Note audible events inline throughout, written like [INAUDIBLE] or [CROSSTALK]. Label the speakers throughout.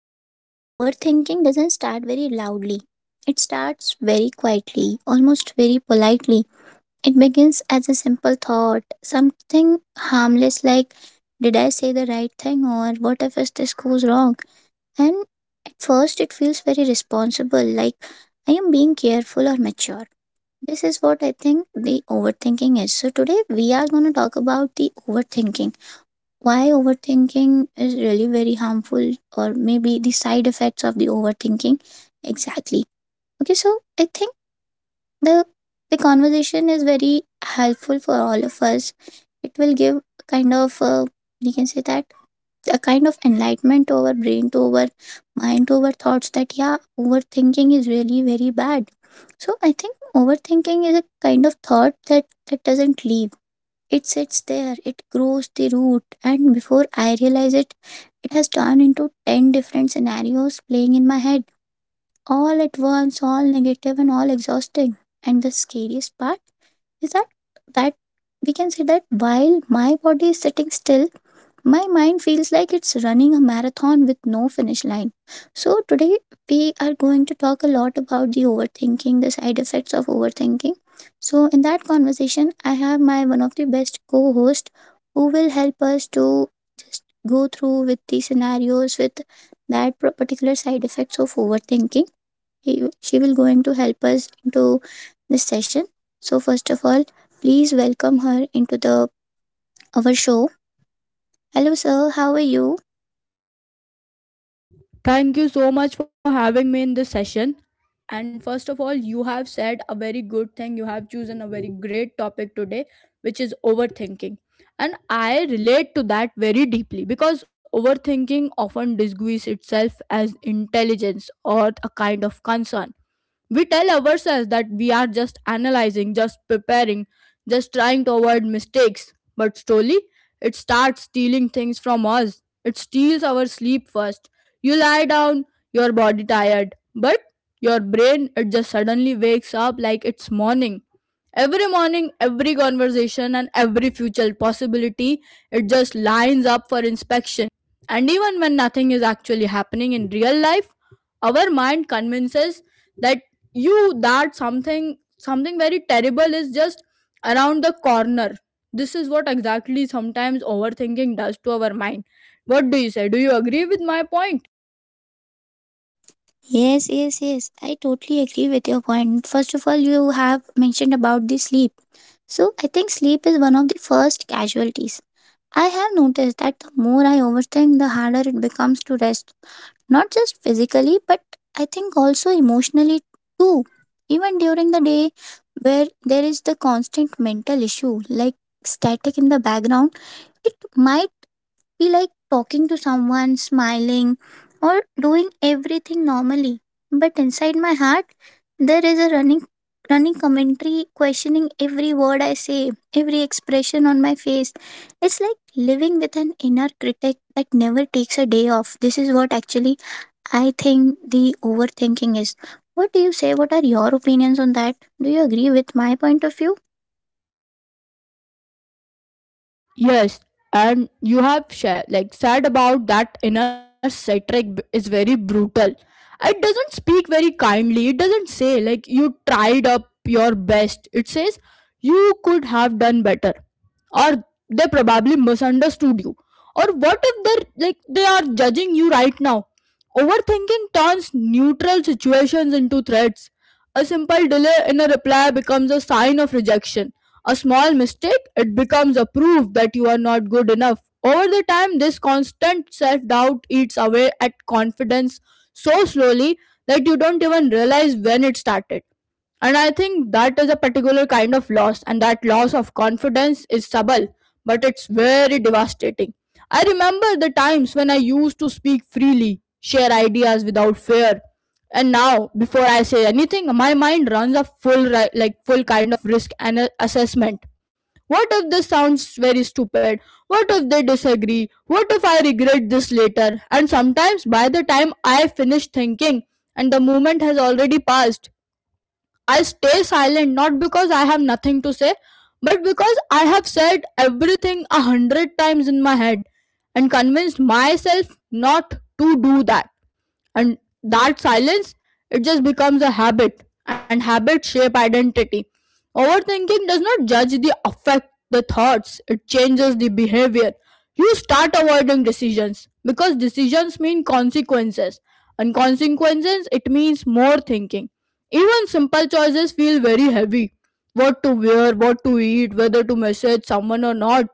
Speaker 1: feel like overthinking doesn't start very loudly. It starts very quietly, almost very politely. It begins as a simple thought, something harmless like, did I say the right thing or what if is this goes wrong? And at first, it feels very responsible, like I am being careful or mature. This is what I think the overthinking is. So, today we are going to talk about the overthinking, why overthinking is really very harmful, or maybe the side effects of the overthinking. Exactly. Okay, so I think the the conversation is very helpful for all of us. It will give a kind of we can say that a kind of enlightenment to our brain, to our mind, to our thoughts that yeah, overthinking is really very bad. So I think overthinking is a kind of thought that doesn't leave. It sits there, it grows the root, and before I realize it, it has turned into 10 different scenarios playing in my head, all at once, all negative and all exhausting. And the scariest part? Is that we can say that while my body is sitting still, my mind feels like it's running a marathon with no finish line. So, today we are going to talk a lot about the overthinking, the side effects of overthinking. So, in that conversation, I have my one of the best co host who will help us to go through with the scenarios with particular side effects of overthinking. He, she will going to help us into this session. So first of all, please welcome her into the our show. Hello, sir. How are you?
Speaker 2: Thank you so much for having me in this session. And first of all, you have said a very good thing. You have chosen a very great topic today, which is overthinking. And I relate to that very deeply because overthinking often disguises itself as intelligence or a kind of concern. We tell ourselves that we are just analyzing, just preparing, just trying to avoid mistakes. But slowly, it starts stealing things from us. It steals our sleep first. You lie down your body tired, but your brain it just suddenly wakes up like it's morning. Every morning, every conversation and every future possibility, it just lines up for inspection. And even when nothing is actually happening in real life, our mind convinces that you that something very terrible is just around the corner. This is what exactly sometimes overthinking does to our mind. What do you say? Do you agree with my point?
Speaker 1: Yes, yes, yes. I totally agree with your point. First of all, you have mentioned about the sleep. So I think sleep is one of the first casualties. I have noticed that the more I overthink, the harder it becomes to rest. Not just physically, but I think also emotionally too. Even during the day, where there is the constant mental issue like static in the background, it might be like talking to someone, smiling, or doing everything normally, but inside my heart, there is a running commentary questioning every word I say, every expression on my face. It's like living with an inner critic that never takes a day off. This is what actually I think the overthinking is. What do you say? What are your opinions on that? Do you agree with my point of view?
Speaker 2: Yes, and you have shared like said about that inner satiric is very brutal. It doesn't speak very kindly. It doesn't say like you tried up your best. It says you could have done better, or they probably misunderstood you. Or what if they're like they are judging you right now? Overthinking turns neutral situations into threats. A simple delay in a reply becomes a sign of rejection a small mistake, it becomes a proof that you are not good enough. Over the time, this constant self doubt eats away at confidence so slowly that you don't even realize when it started. And I think that is a particular kind of loss, and that loss of confidence is subtle, but it's very devastating. I remember the times when I used to speak freely, share ideas without fear. And now, before I say anything, my mind runs a full ri- like full kind of risk and assessment. What if this sounds very stupid? What if they disagree? What if I regret this later? And sometimes by the time I finish thinking and the moment has already passed, I stay silent not because I have nothing to say, but because I have said everything a hundred times in my head and convinced myself not to do that. And that silence, it just becomes a habit, and habit shape identity. Overthinking does not judge the affect the thoughts, it changes the behavior. You start avoiding decisions because decisions mean consequences, and consequences it means more thinking even simple choices feel very heavy. What to wear, what to eat, whether to message someone or not.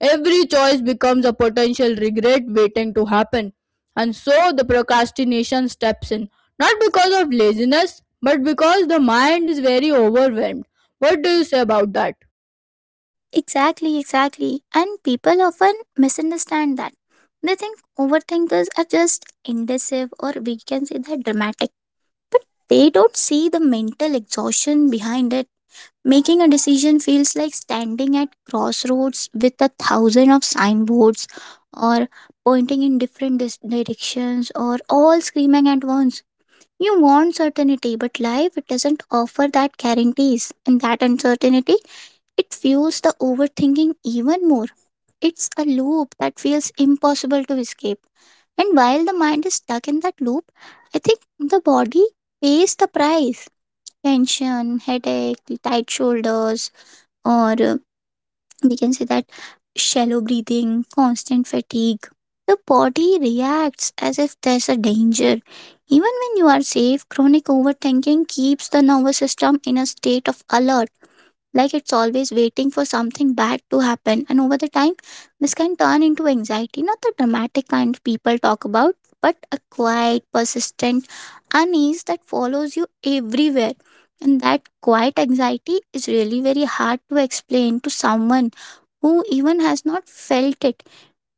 Speaker 2: Every choice becomes a potential regret waiting to happen. And so the procrastination steps in. Not because of laziness, but because the mind is very overwhelmed. What do you say about that?
Speaker 1: Exactly, exactly. And people often misunderstand that. They think overthinkers are just indecisive or we can say that dramatic. They don't see the mental exhaustion behind it. Making a decision feels like standing at crossroads with a thousand of signboards or pointing in different directions, or all screaming at once. You want certainty, but life it doesn't offer that guarantees, and that uncertainty, it fuels the overthinking even more. It's a loop that feels impossible to escape. And while the mind is stuck in that loop, I think the body pays the price. Tension, headache, tight shoulders, or we can say that shallow breathing, constant fatigue. The body reacts as if there's a danger. Even when you are safe, chronic overthinking keeps the nervous system in a state of alert, like it's always waiting for something bad to happen. And over the time, this can turn into anxiety, not the dramatic kind people talk about, but a quiet, persistent unease that follows you everywhere. And that quiet anxiety is really very hard to explain to someone who even has not felt it.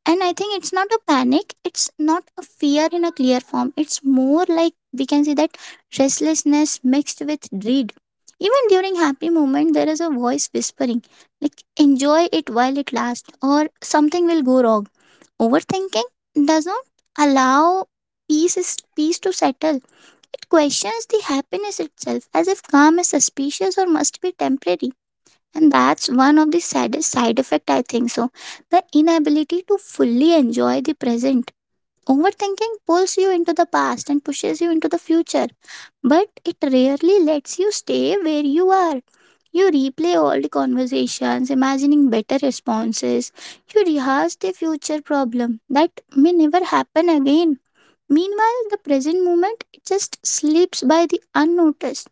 Speaker 1: And I think it's not a panic, it's not a fear in a clear form. It's more like, we can say that, restlessness mixed with dread. Even during happy moment, there is a voice whispering, like enjoy it while it lasts, or something will go wrong. Overthinking does not allow peace to settle. It questions the happiness itself, as if calm is suspicious or must be temporary. And that's one of the saddest side effect, I think so, the inability to fully enjoy the present. Overthinking pulls you into the past and pushes you into the future, but it rarely lets you stay where you are. You replay old conversations, imagining better responses. You rehearse the future problem that may never happen again. Meanwhile the present moment, it just slips by the unnoticed.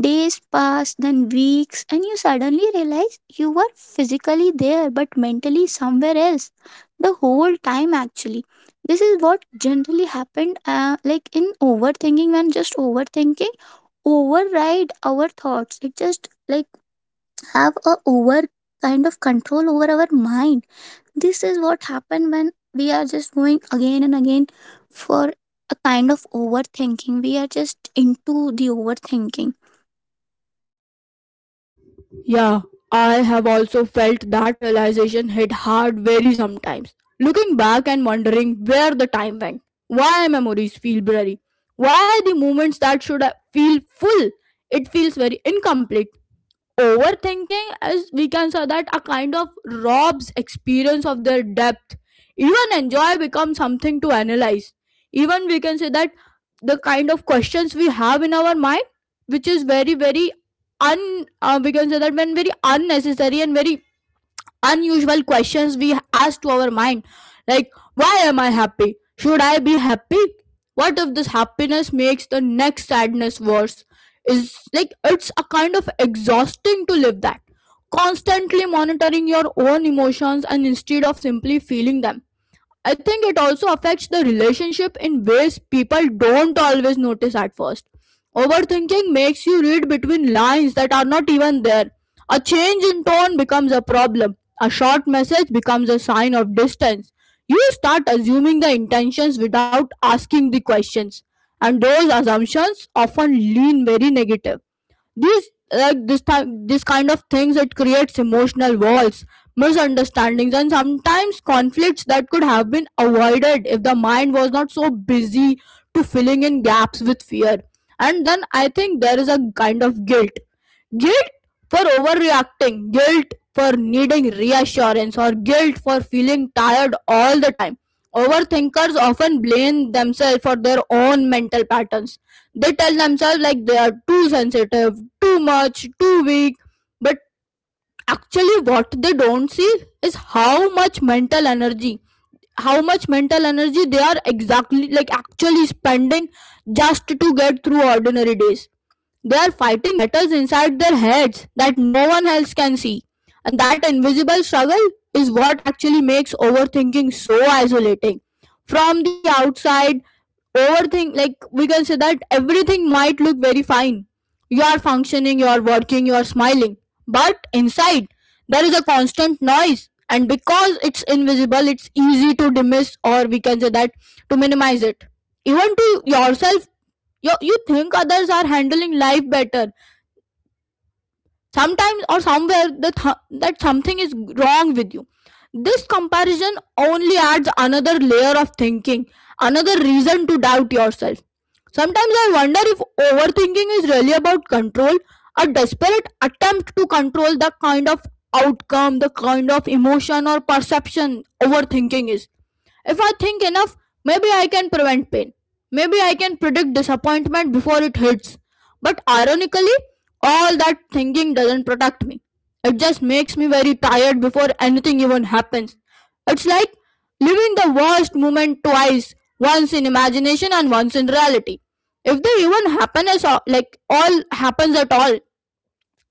Speaker 1: Days pass, then weeks, and you suddenly realize you were physically there but mentally somewhere else the whole time, actually. This is what generally happened, like in overthinking, when just overthinking override our thoughts. It just like have a over kind of control over our mind. This is what happened when we are just going again and again for a kind of overthinking. We are just into the overthinking.
Speaker 2: Yeah, I have also felt that realization hit hard very sometimes. Looking back and wondering where the time went, why memories feel blurry, why the moments that feel full, it feels very incomplete. Overthinking is, we can say that, a kind of robs experience of their depth. Even enjoy becomes something to analyze. Even we can say that the kind of questions we have in our mind, which is very, very we can say that, when very unnecessary and very unusual questions we ask to our mind like why am I happy, should I be happy, what if this happiness makes the next sadness worse, is like it's a kind of exhausting to live that constantly monitoring your own emotions and instead of simply feeling them. I think it also affects the relationship in ways people don't always notice at first. Overthinking makes you read between lines that are not even there. A change in tone becomes a problem. A short message becomes a sign of distance. You start assuming the intentions without asking the questions, and those assumptions often lean very negative. These like this time this kind of things it creates emotional walls, misunderstandings and sometimes conflicts that could have been avoided if the mind was not so busy to filling in gaps with fear. And then I think there is a kind of guilt for overreacting, guilt for needing reassurance, or guilt for feeling tired all the time. Overthinkers often blame themselves for their own mental patterns. They tell themselves like they are too sensitive, too much, too weak. But actually, what they don't see is how much mental energy they are exactly like actually spending just to get through ordinary days. They are fighting battles inside their heads that no one else can see. And that invisible struggle is what actually makes overthinking so isolating. From the outside, overthink like we can say that everything might look very fine. You are functioning, you are working, you are smiling. But inside, there is a constant noise. And because it's invisible, it's easy to dismiss or we can say that to minimize it. Even to yourself you think others are handling life better sometimes or somewhere the that something is wrong with you, this comparison only adds another layer of thinking, another reason to doubt yourself. Sometimes I wonder if overthinking is really about control, a desperate attempt to control the kind of outcome, the kind of emotion or perception. Overthinking is, if I think enough, maybe I can prevent pain, maybe I can predict disappointment before it hits. But ironically, all that thinking doesn't protect me. It just makes me very tired before anything even happens. It's like living the worst moment twice, once in imagination and once in reality. If they even happen as all, like all happens at all,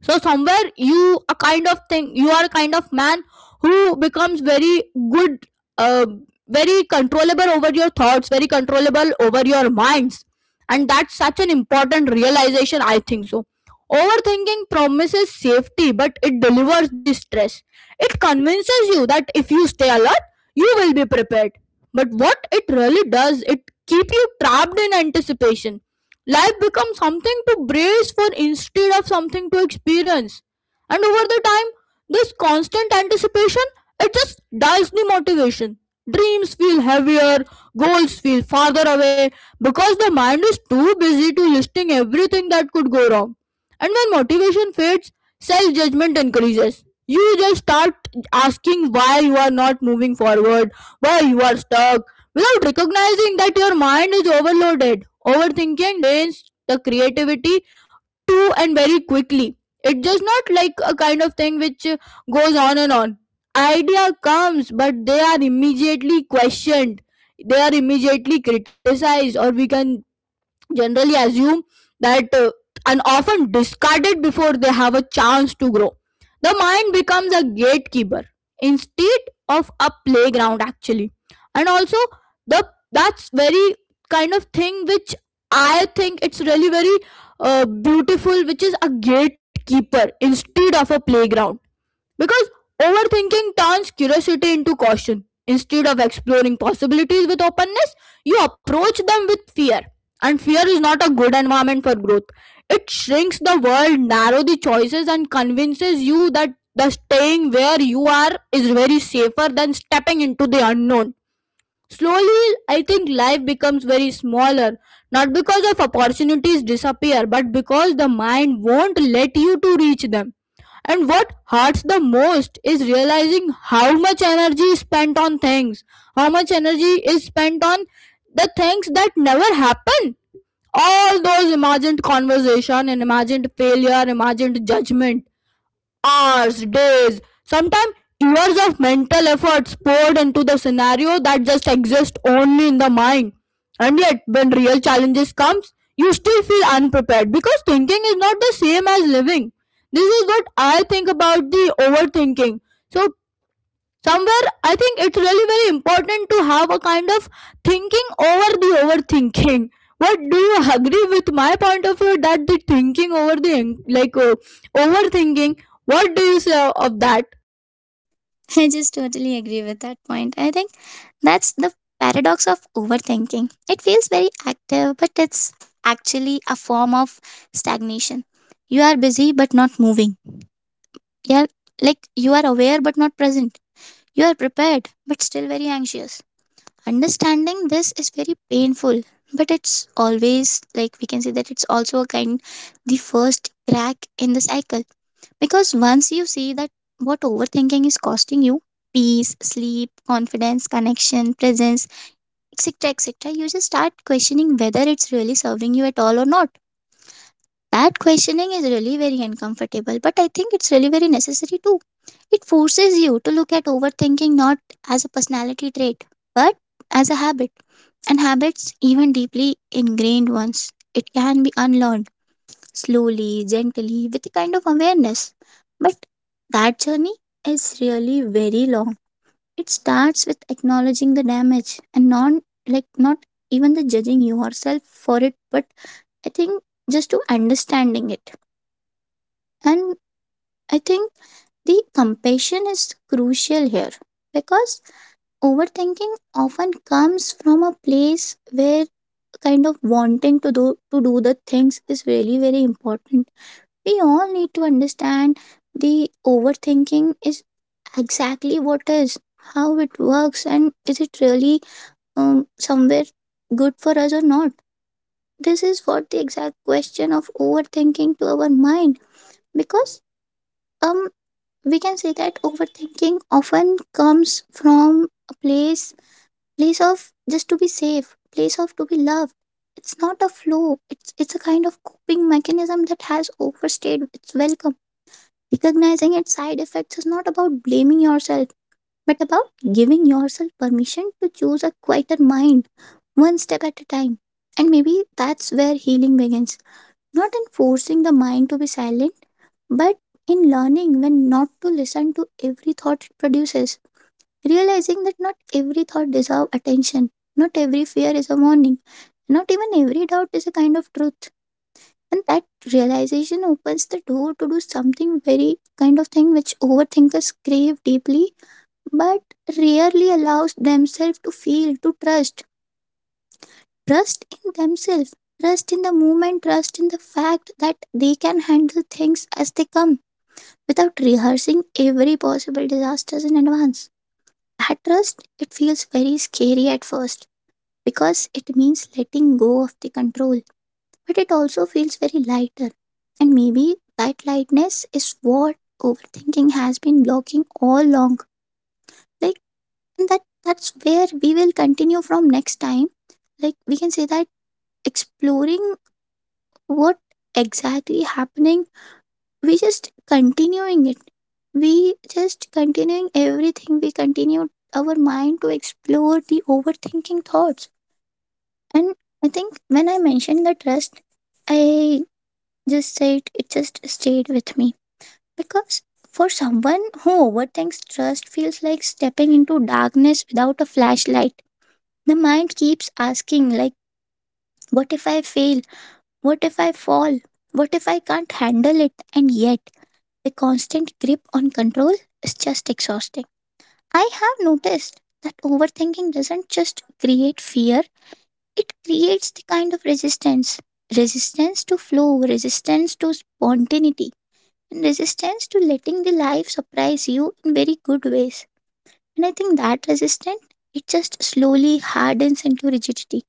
Speaker 2: so somewhere you a kind of thing, you are a kind of man who becomes very good uh, very controllable over your thoughts, very controllable over your minds. And that's such an important realization, I think so. Overthinking promises safety but it delivers the stress. It convinces you that if you stay alert you will be prepared, but what it really does it keep you trapped in anticipation. Life becomes something to brace for instead of something to experience. And over the time, this constant anticipation it just dies the motivation. Dreams feel heavier, goals feel farther away because the mind is too busy to listing everything that could go wrong. And when motivation fades, self judgment increases. You just start asking why you are not moving forward, why you are stuck, without recognizing that your mind is overloaded. Overthinking drains the creativity too and very quickly. It does not like a kind of thing which goes on and on. Idea comes, but they are immediately questioned. They are immediately criticized, or we can generally assume that and often discarded before they have a chance to grow. The mind becomes a gatekeeper instead of a playground, actually. And also, the that's very kind of thing which I think it's really very beautiful, which is a gatekeeper instead of a playground. Because overthinking turns curiosity into caution. Instead of exploring possibilities with openness, you approach them with fear. And fear is not a good environment for growth. It shrinks the world, narrow the choices, and convinces you that the staying where you are is very safer than stepping into the unknown. Slowly, I think life becomes very smaller, not because of opportunities disappear, but because the mind won't let you to reach them. And what hurts the most is realizing how much energy is spent on things, how much energy is spent on the things that never happen. All those imagined conversation and imagined failure, imagined judgment, hours, days, sometimes years of mental efforts poured into the scenario that just exists only in the mind. And yet, when real challenges comes, you still feel unprepared because thinking is not the same as living. This is what I think about the overthinking. So somewhere I think it's really very important to have a kind of thinking over the overthinking. What do you agree with my point of view that the thinking over the overthinking, what do you say of that?
Speaker 1: I just totally agree with that point. I think that's the paradox of overthinking. It feels very active, but it's actually a form of stagnation. You are busy but not moving. You are like you are aware but not present. You are prepared but still very anxious. Understanding this is very painful, but it's always, like we can say, that it's also a kind, the first crack in the cycle. Because once you see that what overthinking is costing you, peace, sleep, confidence, connection, presence, etc., etc., you just start questioning whether it's really serving you at all or not. That questioning is really very uncomfortable, but I think it's really very necessary too. It forces you to look at overthinking not as a personality trait, but as a habit. And habits, even deeply ingrained ones, it can be unlearned slowly, gently, with a kind of awareness. But that journey is really very long. It starts with acknowledging the damage and not like not even the judging yourself for it, but I think just to understanding it. And I think the compassion is crucial here because overthinking often comes from a place where kind of wanting to do the things is really very important. We all need to understand the overthinking is exactly what is, how it works, and is it really somewhere good for us or not. This is what the exact question of overthinking to our mind. Because um we can say that overthinking often comes from a place of just to be safe, place of to be loved. It's not a flow, it's a kind of coping mechanism that has overstayed its welcome. Recognizing its side effects is not about blaming yourself, but about giving yourself permission to choose a quieter mind, one step at a time. And maybe that's where healing begins, not in forcing the mind to be silent, but in learning when not to listen to every thought it produces, realizing that not every thought deserves attention, not every fear is a warning, not even every doubt is a kind of truth. And that realization opens the door to do something very kind of thing which overthinkers crave deeply, but rarely allows themselves to feel, to trust. Trust in themselves, trust in the moment, trust in the fact that they can handle things as they come without rehearsing every possible disasters in advance. That trust, it feels very scary at first because it means letting go of the control, but it also feels very lighter. And maybe that lightness is what overthinking has been blocking all along. Like, and that's where we will continue from next time. Like, we can say that exploring what exactly happening, we just continuing it. We just continuing everything. We continue our mind to explore the overthinking thoughts. And I think when I mentioned the trust, I just said it just stayed with me because for someone who overthinks, trust feels like stepping into darkness without a flashlight. The mind keeps asking like, what if I fail, what if I fall, what if I can't handle it? And yet the constant grip on control is just exhausting. I have noticed that overthinking doesn't just create fear, it creates the kind of resistance, resistance to flow, resistance to spontaneity, and resistance to letting the life surprise you in very good ways. And I think that resistance, it just slowly hardens into rigidity.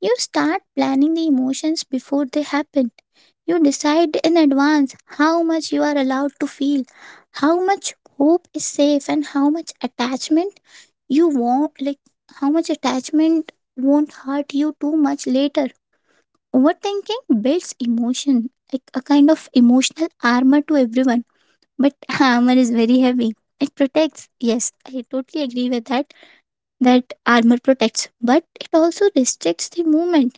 Speaker 1: You start planning the emotions before they happen. You decide in advance how much you are allowed to feel, how much hope is safe, and how much attachment you won't like, how much attachment won't hurt you too much later. Overthinking builds emotion, like a kind of emotional armor to everyone, but [LAUGHS] armor is very heavy. It protects. Yes, I totally agree with that. That armor protects, but it also restricts the movement.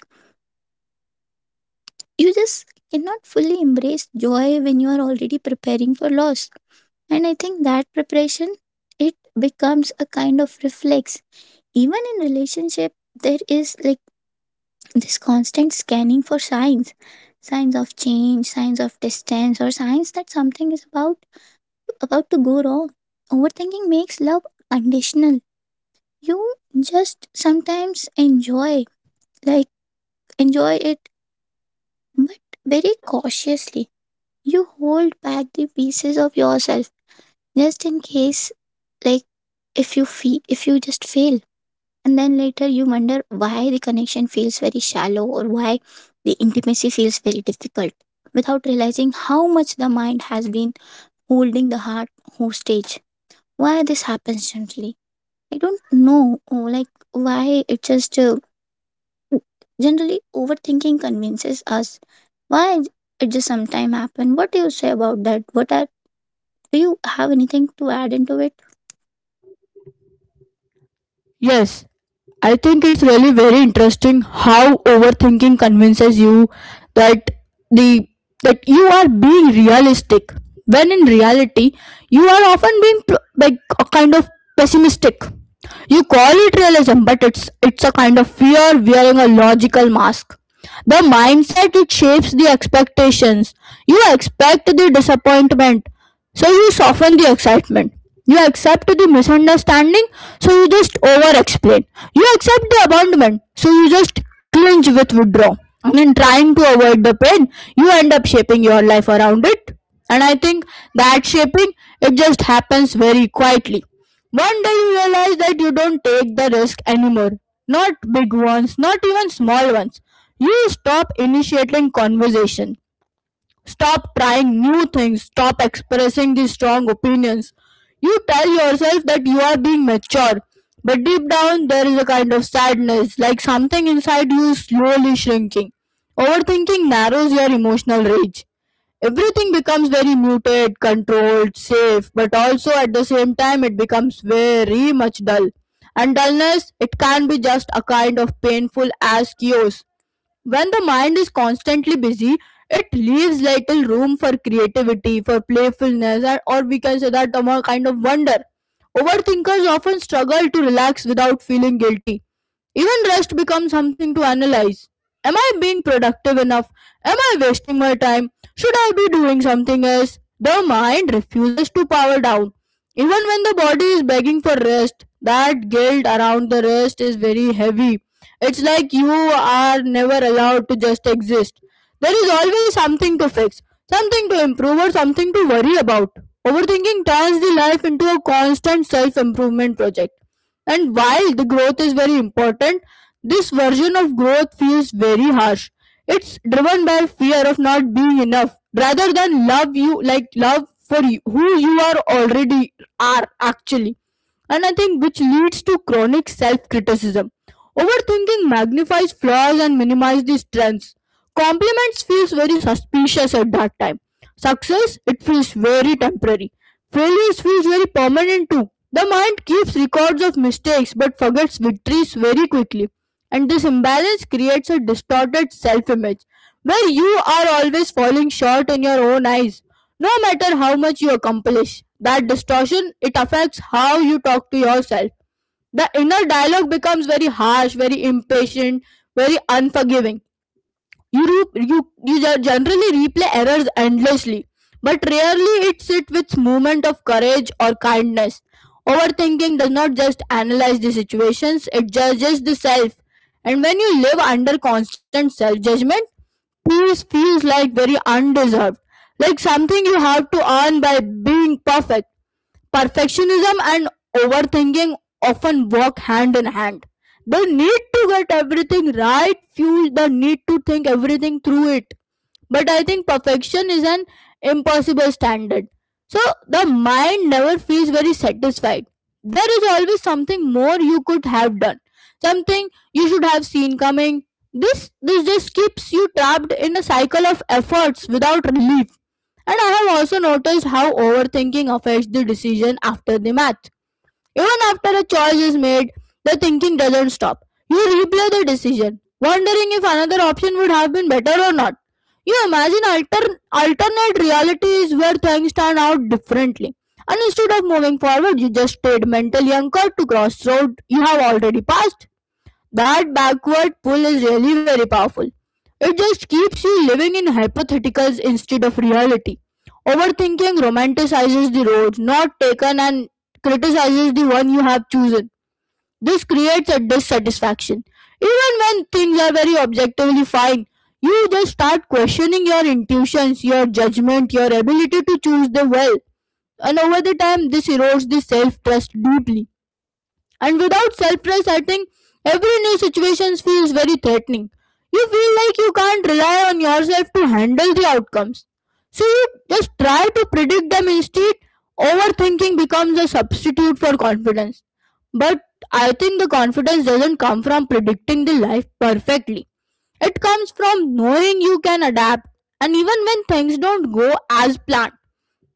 Speaker 1: You just cannot fully embrace joy when you are already preparing for loss. And I think that preparation, it becomes a kind of reflex. Even in relationship, there is like this constant scanning for signs, signs of change, signs of distance, or signs that something is about to go wrong. Overthinking makes love conditional. You just sometimes enjoy, like, enjoy it, but very cautiously. You hold back the pieces of yourself just in case, like, if you just fail. And then later you wonder why the connection feels very shallow, or why the intimacy feels very difficult, without realizing how much the mind has been holding the heart hostage. Why this happens gently, I don't know. Oh, like, why it just, generally, overthinking convinces us why it just sometimes happen. What do you say about that? What are Do you have anything to add into it?
Speaker 2: Yes, I think it's really very interesting how overthinking convinces you that the that you are being realistic when in reality you are often being a kind of pessimistic. You call it realism, but it's a kind of fear wearing a logical mask. The mindset it shapes the expectations. You expect the disappointment, so you soften the excitement. You accept the misunderstanding, so you just over explain. You accept the abandonment, so you just clinch with withdraw. And in trying to avoid the pain, you end up shaping your life around it. And I think that shaping it just happens very quietly. One day you realize that you don't take the risk anymore. Not big ones, not even small ones. You stop initiating conversation. Stop trying new things. Stop expressing these strong opinions. You tell yourself that you are being mature, but deep down there is a kind of sadness, like something inside you is slowly shrinking. Overthinking narrows your emotional range. Everything becomes very muted, controlled, safe, but also at the same time it becomes very much dull. And dullness, it can be just a kind of painful as chaos when the mind is constantly busy it leaves little room for creativity for playfulness and, or we can say that the more kind of wonder overthinkers often struggle to relax without feeling guilty even rest becomes something to analyze. Am I being productive enough? Am I wasting my time? Should I be doing something else? The mind refuses to power down. Even when the body is begging for rest, that guilt around the rest is very heavy. It's like you are never allowed to just exist. There is always something to fix, something to improve, or something to worry about. Overthinking turns the life into a constant self improvement project. And while the growth is very important, this version of growth feels very harsh. It's driven by fear of not being enough rather than love you like love for you, who you are already are actually. And I think which leads to chronic self criticism. Overthinking magnifies flaws and minimizes the strengths. Compliments feels very suspicious at that time. Success, it feels very temporary. Failures feels very permanent too. The mind keeps records of mistakes but forgets victories very quickly. And this imbalance creates a distorted self-image where you are always falling short in your own eyes. No matter how much you accomplish, that distortion it affects how you talk to yourself the inner dialogue becomes very harsh, very impatient, very unforgiving. You, generally replay errors endlessly, but rarely it sit with movement of courage or kindness. Overthinking does not just analyze the situations, it judges the self. And when you live under constant self judgment, peace feels like very undeserved, like something you have to earn by being perfect. Perfectionism and overthinking often walk hand in hand. The need to get everything right fuels the need to think everything through it. But I think perfection is an impossible standard. So the mind never feels very satisfied. There is always something more you could have done, something you should have seen coming. This just keeps you trapped in a cycle of efforts without relief. And I have also noticed how overthinking affects the decision after the math. Even after a choice is made, the thinking doesn't stop. You replay the decision, wondering if another option would have been better or not. You imagine alternate realities where things turn out differently. And instead of moving forward, you just stayed mentally anchored to crossroad you have already passed. That backward pull is really very powerful. It just keeps you living in hypotheticals instead of reality. Overthinking romanticizes the road not taken and criticizes the one you have chosen. This creates a dissatisfaction. Even when things are very objectively fine, you just start questioning your intuitions, your judgment, your ability to choose them well. And over the time, this erodes the self trust deeply. And without self trust, every new situation feels very threatening. You feel like you can't rely on yourself to handle the outcomes. So you just try to predict them instead. Overthinking becomes a substitute for confidence. But I think the confidence doesn't come from predicting the life perfectly. It comes from knowing you can adapt, and even when things don't go as planned.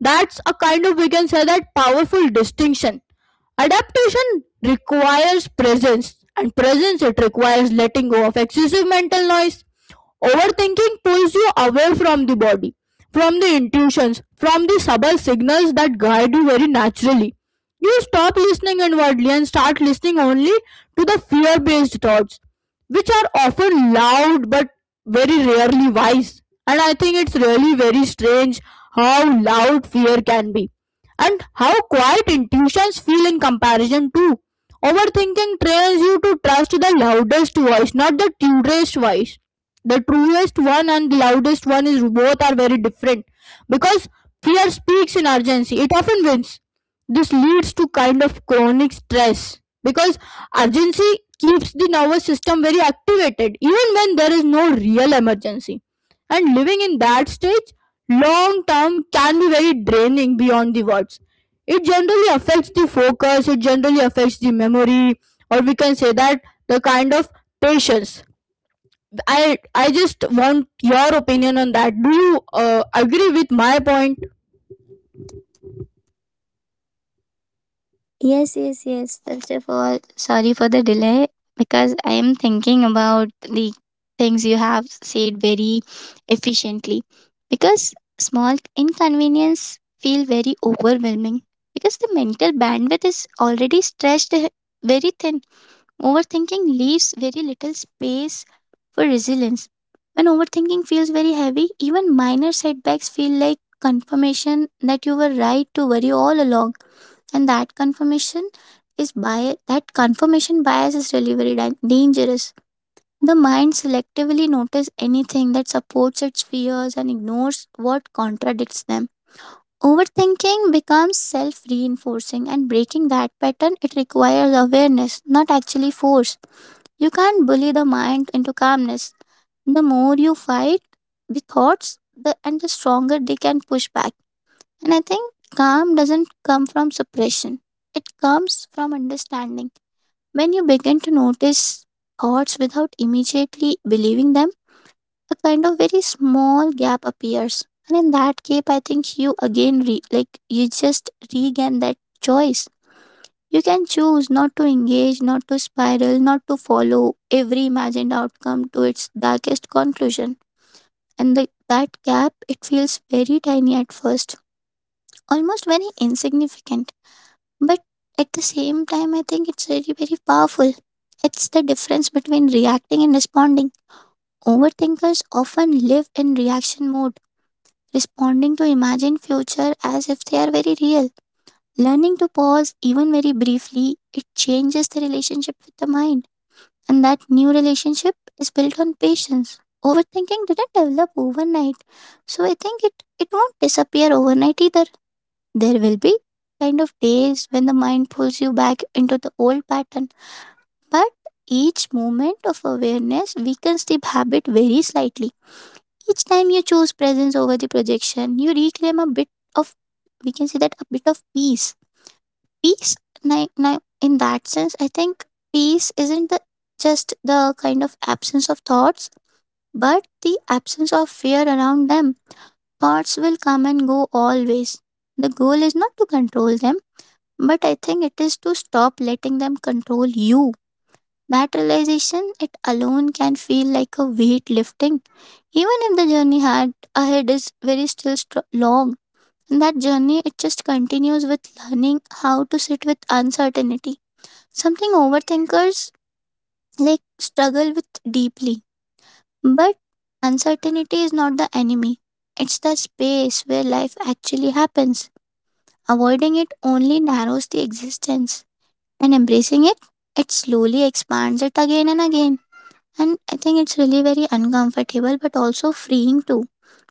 Speaker 2: That's a kind of, we can say that, powerful distinction. Adaptation requires presence, and presence it requires letting go of excessive mental noise. Overthinking pulls you away from the body, from the intuitions, from the subtle signals that guide you very naturally. You stop listening inwardly and start listening only to the fear based thoughts, which are often loud but very rarely wise. And I think it's really very strange how loud fear can be and how quiet intuitions feel in comparison too. Overthinking trains you to trust the loudest voice, not the truest voice. The truest one and the loudest one is both are very different because fear speaks in urgency. It often wins this leads to kind of chronic stress because urgency keeps the nervous system very activated even when there is no real emergency. And living in that stage long term can be very draining beyond the words. It generally affects the focus, it generally affects the memory, or we can say that the kind of patience. I just want your opinion on that. Do you agree with my point?
Speaker 1: Yes, yes, yes. First of all, sorry for the delay, because I am thinking about the things you have said very efficiently. Because small inconvenience feel very overwhelming, because the mental bandwidth is already stretched very thin. Overthinking leaves very little space for resilience. When overthinking feels very heavy, even minor setbacks feel like confirmation that you were right to worry all along. And that confirmation is bias, that confirmation bias is really very dangerous. The mind selectively notices anything that supports its fears and ignores what contradicts them. Overthinking becomes self reinforcing, and breaking that pattern, it requires awareness, not actually force. You can't bully the mind into calmness. The more you fight the thoughts, the and the stronger they can push back. And I think calm doesn't come from suppression. It comes from understanding. When you begin to notice thoughts without immediately believing them, a kind of very small gap appears. And in that gap, I think you again, you just regain that choice. You can choose not to engage, not to spiral, not to follow every imagined outcome to its darkest conclusion. And that gap, it feels very tiny at first, almost very insignificant. But at the same time, I think it's very, very powerful. It's the difference between reacting and responding. Overthinkers often live in reaction mode, responding to imagined future as if they are very real. Learning to pause, even very briefly, it changes the relationship with the mind. And that new relationship is built on patience. Overthinking didn't develop overnight. So I think it it won't disappear overnight either. There will be kind of days when the mind pulls you back into the old pattern. But each moment of awareness weakens the habit very slightly. Each time you choose presence over the projection, you reclaim a bit of, we can say that, a bit of peace now. In that sense, I think peace isn't just the kind of absence of thoughts, but the absence of fear around them. Thoughts will come and go always. The goal is not to control them, but I think it is to stop letting them control you. That realization, it alone can feel like a weight lifting, even if the journey had ahead is very still str long. And that journey, it just continues with learning how to sit with uncertainty. Something overthinkers like struggle with deeply. But uncertainty is not the enemy. It's the space where life actually happens. Avoiding it only narrows the existence, and embracing it, it slowly expands it again and again. And I think it's really very uncomfortable, but also freeing too,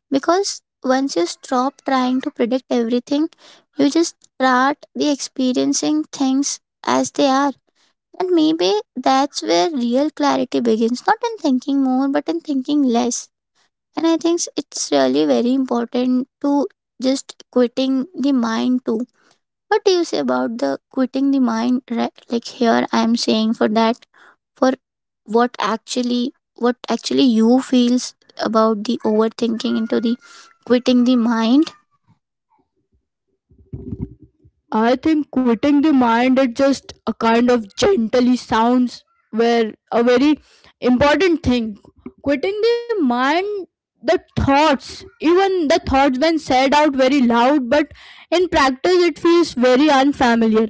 Speaker 1: because once you stop trying to predict everything, you just start the experiencing things as they are. And maybe that's where real clarity begins, not in thinking more, but in thinking less. And I think it's really very important to just quitting the mind too. What do you say about the quitting the mind? Right, like here, I am saying for that, for what actually you feels about the overthinking into the quitting the mind.
Speaker 2: I think quitting the mind it just a kind of gently sounds where a very important thing. Quitting the mind the thoughts even the thoughts when said out very loud but in practice, it feels very unfamiliar.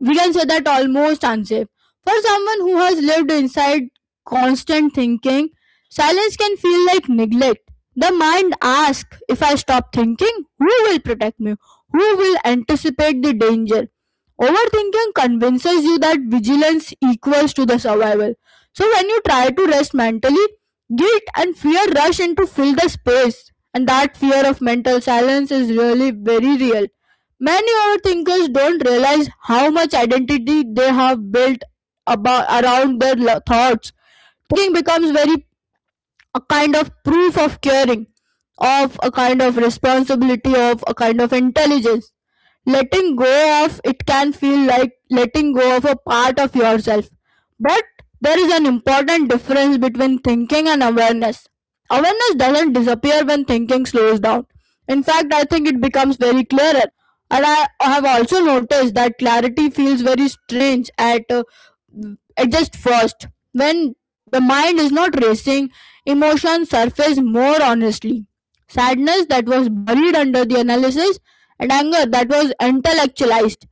Speaker 2: We can say that almost unsafe. For someone who has lived inside constant thinking, silence can feel like neglect. The mind asks if I stop thinking, who will protect me? Who will anticipate the danger? Overthinking convinces you that vigilance equals to the survival. So when you try to rest mentally, guilt and fear rush in to fill the space. And that fear of mental silence is really very real. Many overthinkers don't realize how much identity they have built about around their thoughts. Thinking becomes very a kind of proof of caring, of a kind of responsibility, of a kind of intelligence. Letting go of it can feel like letting go of a part of yourself. But there is an important difference between thinking and awareness. Awareness doesn't disappear when thinking slows down. In fact, I think it becomes very clearer. And I have also noticed that clarity feels very strange at adjust first. When the mind is not racing, emotions surface more honestly. Sadness that was buried under the analysis, and anger that was intellectualized,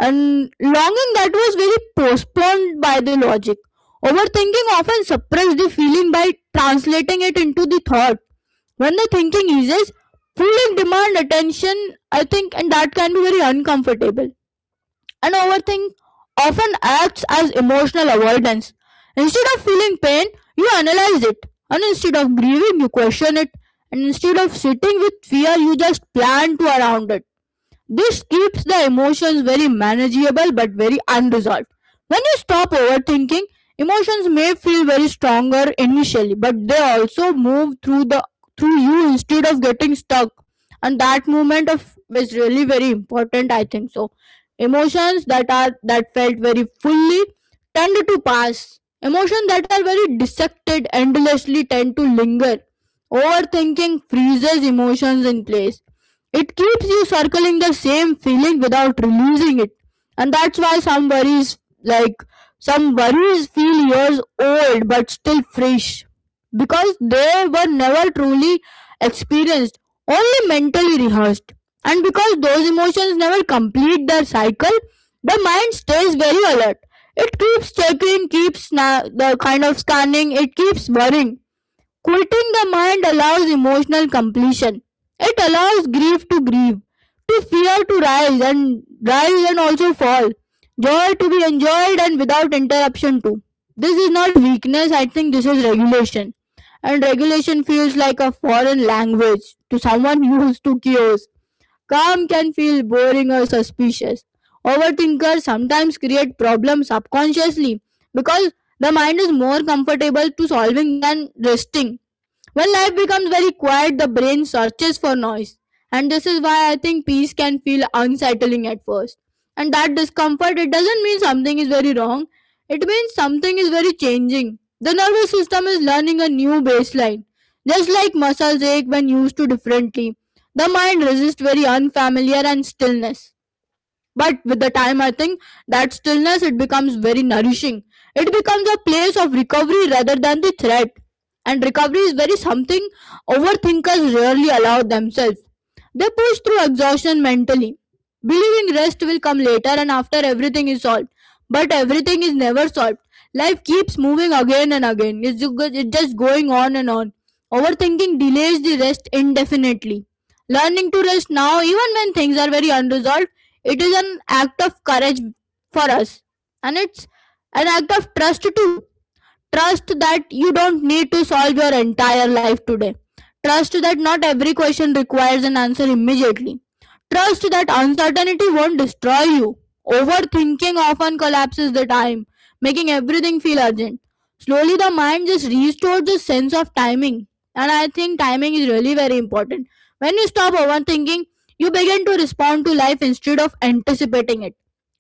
Speaker 2: and longing that was very postponed by the logic. Overthinking often suppresses the feeling by translating it into the thought. When the thinking eases, feeling demand attention, I think, and that can be very uncomfortable. And overthink often acts as emotional avoidance. Instead of feeling pain, you analyze it. And instead of grieving, you question it. And instead of sitting with fear, you just plan to around it. This keeps the emotions very manageable but very unresolved. When you stop overthinking, emotions may feel very stronger initially, but they also move through the through you instead of getting stuck. And that movement of is really very important, I think so. Emotions that are that felt very fully tend to pass. Emotions that are very dissected endlessly tend to linger. Overthinking freezes emotions in place it keeps you circling the same feeling without releasing it. And that's why some worries, feel years old but still fresh because they were never truly experienced, only mentally rehearsed. And because those emotions never complete their cycle, the mind stays very alert. It keeps checking, the kind of scanning, it keeps worrying. Quieting the mind allows emotional completion. It allows grief to grieve, to fear to rise and rise and also fall, joy to be enjoyed and without interruption too. This is not weakness, I think this is regulation. And regulation feels like a foreign language to someone used to chaos. Calm can feel boring or suspicious. Overthinkers sometimes create problems subconsciously because the mind is more comfortable to solving than resting. When life becomes very quiet, the brain searches for noise. And this is why I think peace can feel unsettling at first. And that discomfort, it doesn't mean something is very wrong, it means something is very changing. The nervous system is learning a new baseline, just like muscles ache when used to differently. The mind resists very unfamiliar and stillness. But with the time, I think that stillness it becomes very nourishing. It becomes a place of recovery rather than the threat. And recovery is very something overthinkers rarely allow themselves. They push through exhaustion mentally, believing rest will come later and after everything is solved. But everything is never solved. Life keeps moving again and again. It's just going on and on. Overthinking delays the rest indefinitely. Learning to rest now, even when things are very unresolved it is an act of courage for us, and it's an act of trust too trust that you don't need to solve your entire life today trust that not every question requires an answer immediately trust that uncertainty won't destroy you overthinking often collapses the time making everything feel urgent slowly the mind just restores the sense of timing and I think timing is really very important when you stop overthinking you begin to respond to life instead of anticipating it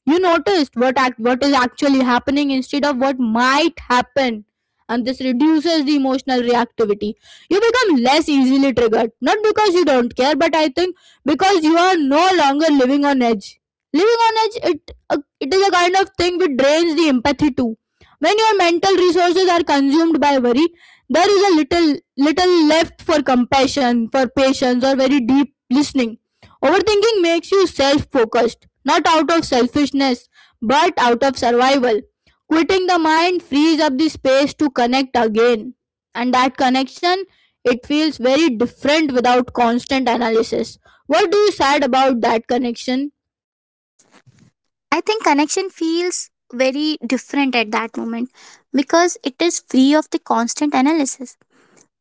Speaker 2: you noticed what is actually happening instead of what might happen and this reduces the emotional reactivity you become less easily triggered not because you don't care but I think because you are no longer living on edge. Living on edge, it it is a kind of thing which drains the empathy too when your mental resources are consumed by worry there is a little left for compassion for patience or very deep listening. Overthinking makes you self focused not out of selfishness, but out of survival. Quitting the mind frees up the space to connect again, and that connection it feels very different without constant analysis. What do you said about that connection?
Speaker 1: I think connection feels very different at that moment, because it is free of the constant analysis.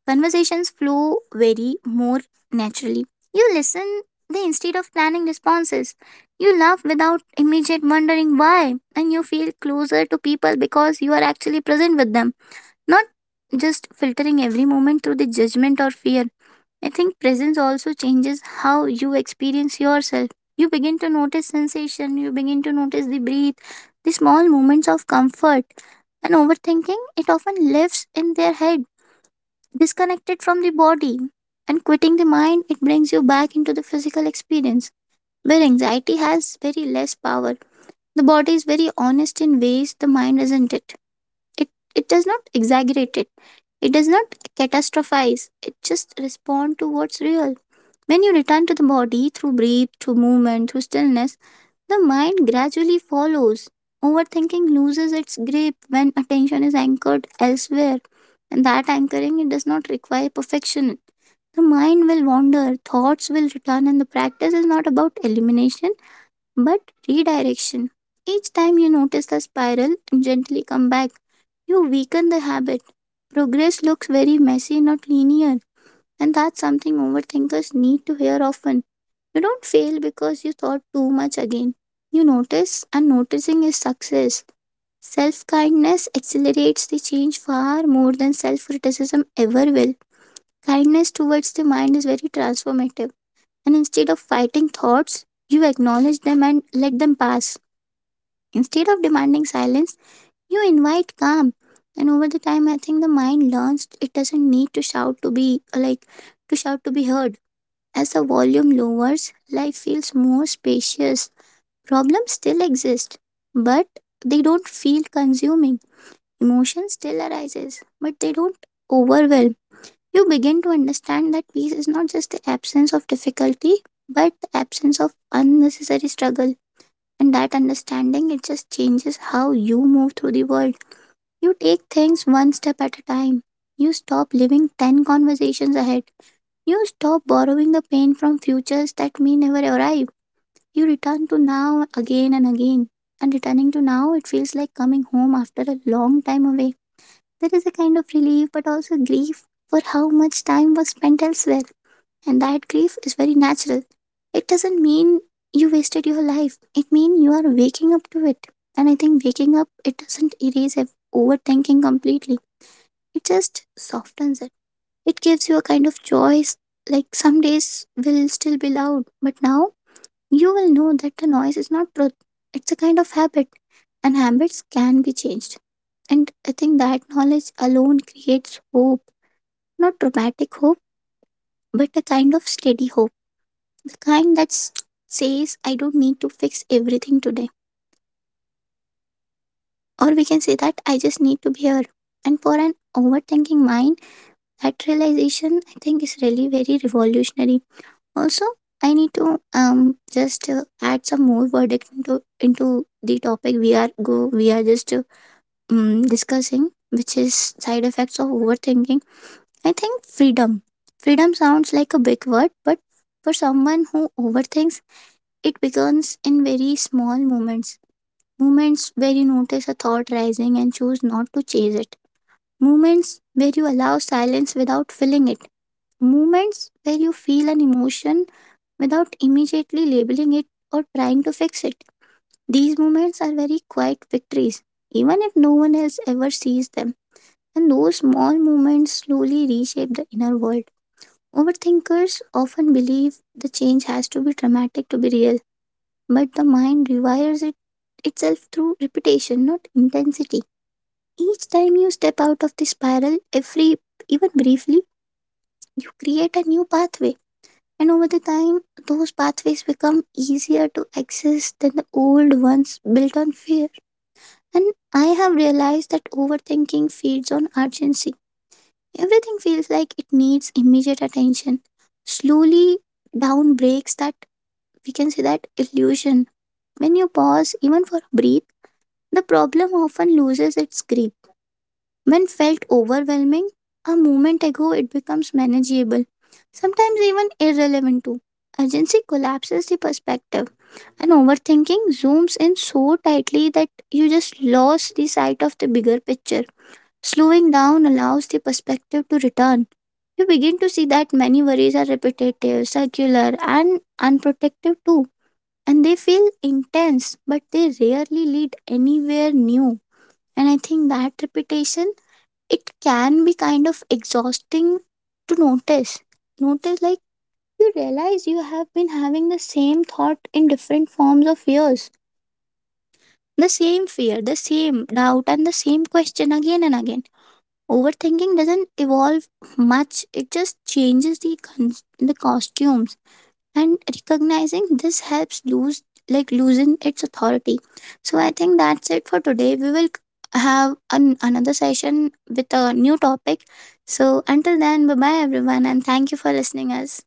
Speaker 1: Conversations flow very more naturally. You listen they instead of planning responses. You laugh without immediate wondering why, and you feel closer to people because you are actually present with them, not just filtering every moment through the judgment or fear. I think presence also changes how you experience yourself. You begin to notice sensation, you begin to notice the breath, the small moments of comfort, and overthinking, it often lives in their head, disconnected from the body. And quitting the mind, it brings you back into the physical experience, where anxiety has very less power. The body is very honest in ways the mind isn't. It it it does not exaggerate it. It does not catastrophize. It just respond to what's real. When you return to the body, through breath, through movement, through stillness, the mind gradually follows. Overthinking loses its grip when attention is anchored elsewhere. And that anchoring, it does not require perfection. The mind will wander, thoughts will return, and the practice is not about elimination, but redirection. Each time you notice the spiral and gently come back, you weaken the habit. Progress looks very messy, not linear, and that's something overthinkers need to hear often. You don't fail because you thought too much again. You notice, and noticing is success. Self kindness accelerates the change far more than self criticism ever will. Kindness towards the mind is very transformative, and instead of fighting thoughts, you acknowledge them and let them pass. Instead of demanding silence, you invite calm. And over the time, I think the mind learns it doesn't need to shout to be heard. As the volume lowers, life feels more spacious. Problems still exist, but they don't feel consuming. Emotion still arises, but they don't overwhelm. You begin to understand that peace is not just the absence of difficulty, but the absence of unnecessary struggle. And that understanding, it just changes how you move through the world. You take things one step at a time. You stop living 10 conversations ahead. You stop borrowing the pain from futures that may never arrive. You return to now again and again. And returning to now, it feels like coming home after a long time away. There is a kind of relief, but also grief for how much time was spent elsewhere, and that grief is very natural. It doesn't mean you wasted your life. It means you are waking up to it. And I think waking up, it doesn't erase overthinking completely. It just softens it. It gives you a kind of choice. Like some days will still be loud, but now you will know that the noise is not truth. It's a kind of habit, and habits can be changed. And I think that knowledge alone creates hope, not dramatic hope, but a kind of steady hope, the kind that says, I don't need to fix everything today, or we can say that, I just need to be here. And for an overthinking mind, that realization, I think, is really very revolutionary. Also, I need to um just add some more verdict into the topic we are just discussing, which is side effects of overthinking. I think freedom sounds like a big word, but for someone who overthinks, it begins in very small moments, moments where you notice a thought rising and choose not to chase it, moments where you allow silence without filling it, moments where you feel an emotion without immediately labeling it or trying to fix it. These moments are very quiet victories, even if no one else ever sees them. And those small moments slowly reshape the inner world. Overthinkers often believe the change has to be dramatic to be real, but the mind rewires it itself through repetition, not intensity. Each time you step out of the spiral, every even briefly, you create a new pathway. And over the time, those pathways become easier to access than the old ones built on fear. And I have realized that overthinking feeds on urgency. Everything feels like it needs immediate attention. Slowly down breaks that, we can say that, illusion. When you pause, even for a breath, the problem often loses its grip. When felt overwhelming a moment ago, it becomes manageable, sometimes even irrelevant too. Urgency collapses the perspective, and overthinking zooms in so tightly that you just lose the sight of the bigger picture. Slowing down allows the perspective to return. You begin to see that many worries are repetitive, circular, and unprotective too. And they feel intense, but they rarely lead anywhere new. And I think that repetition, it can be kind of exhausting to notice. Notice, like, you realize you have been having the same thought in different forms of years. The same fear, the same doubt, and the same question again and again. Overthinking doesn't evolve much, it just changes the costumes, and recognizing this helps lose like loosen its authority. So I think that's it for today. We will have another session with a new topic. So until then, bye bye everyone, and thank you for listening us.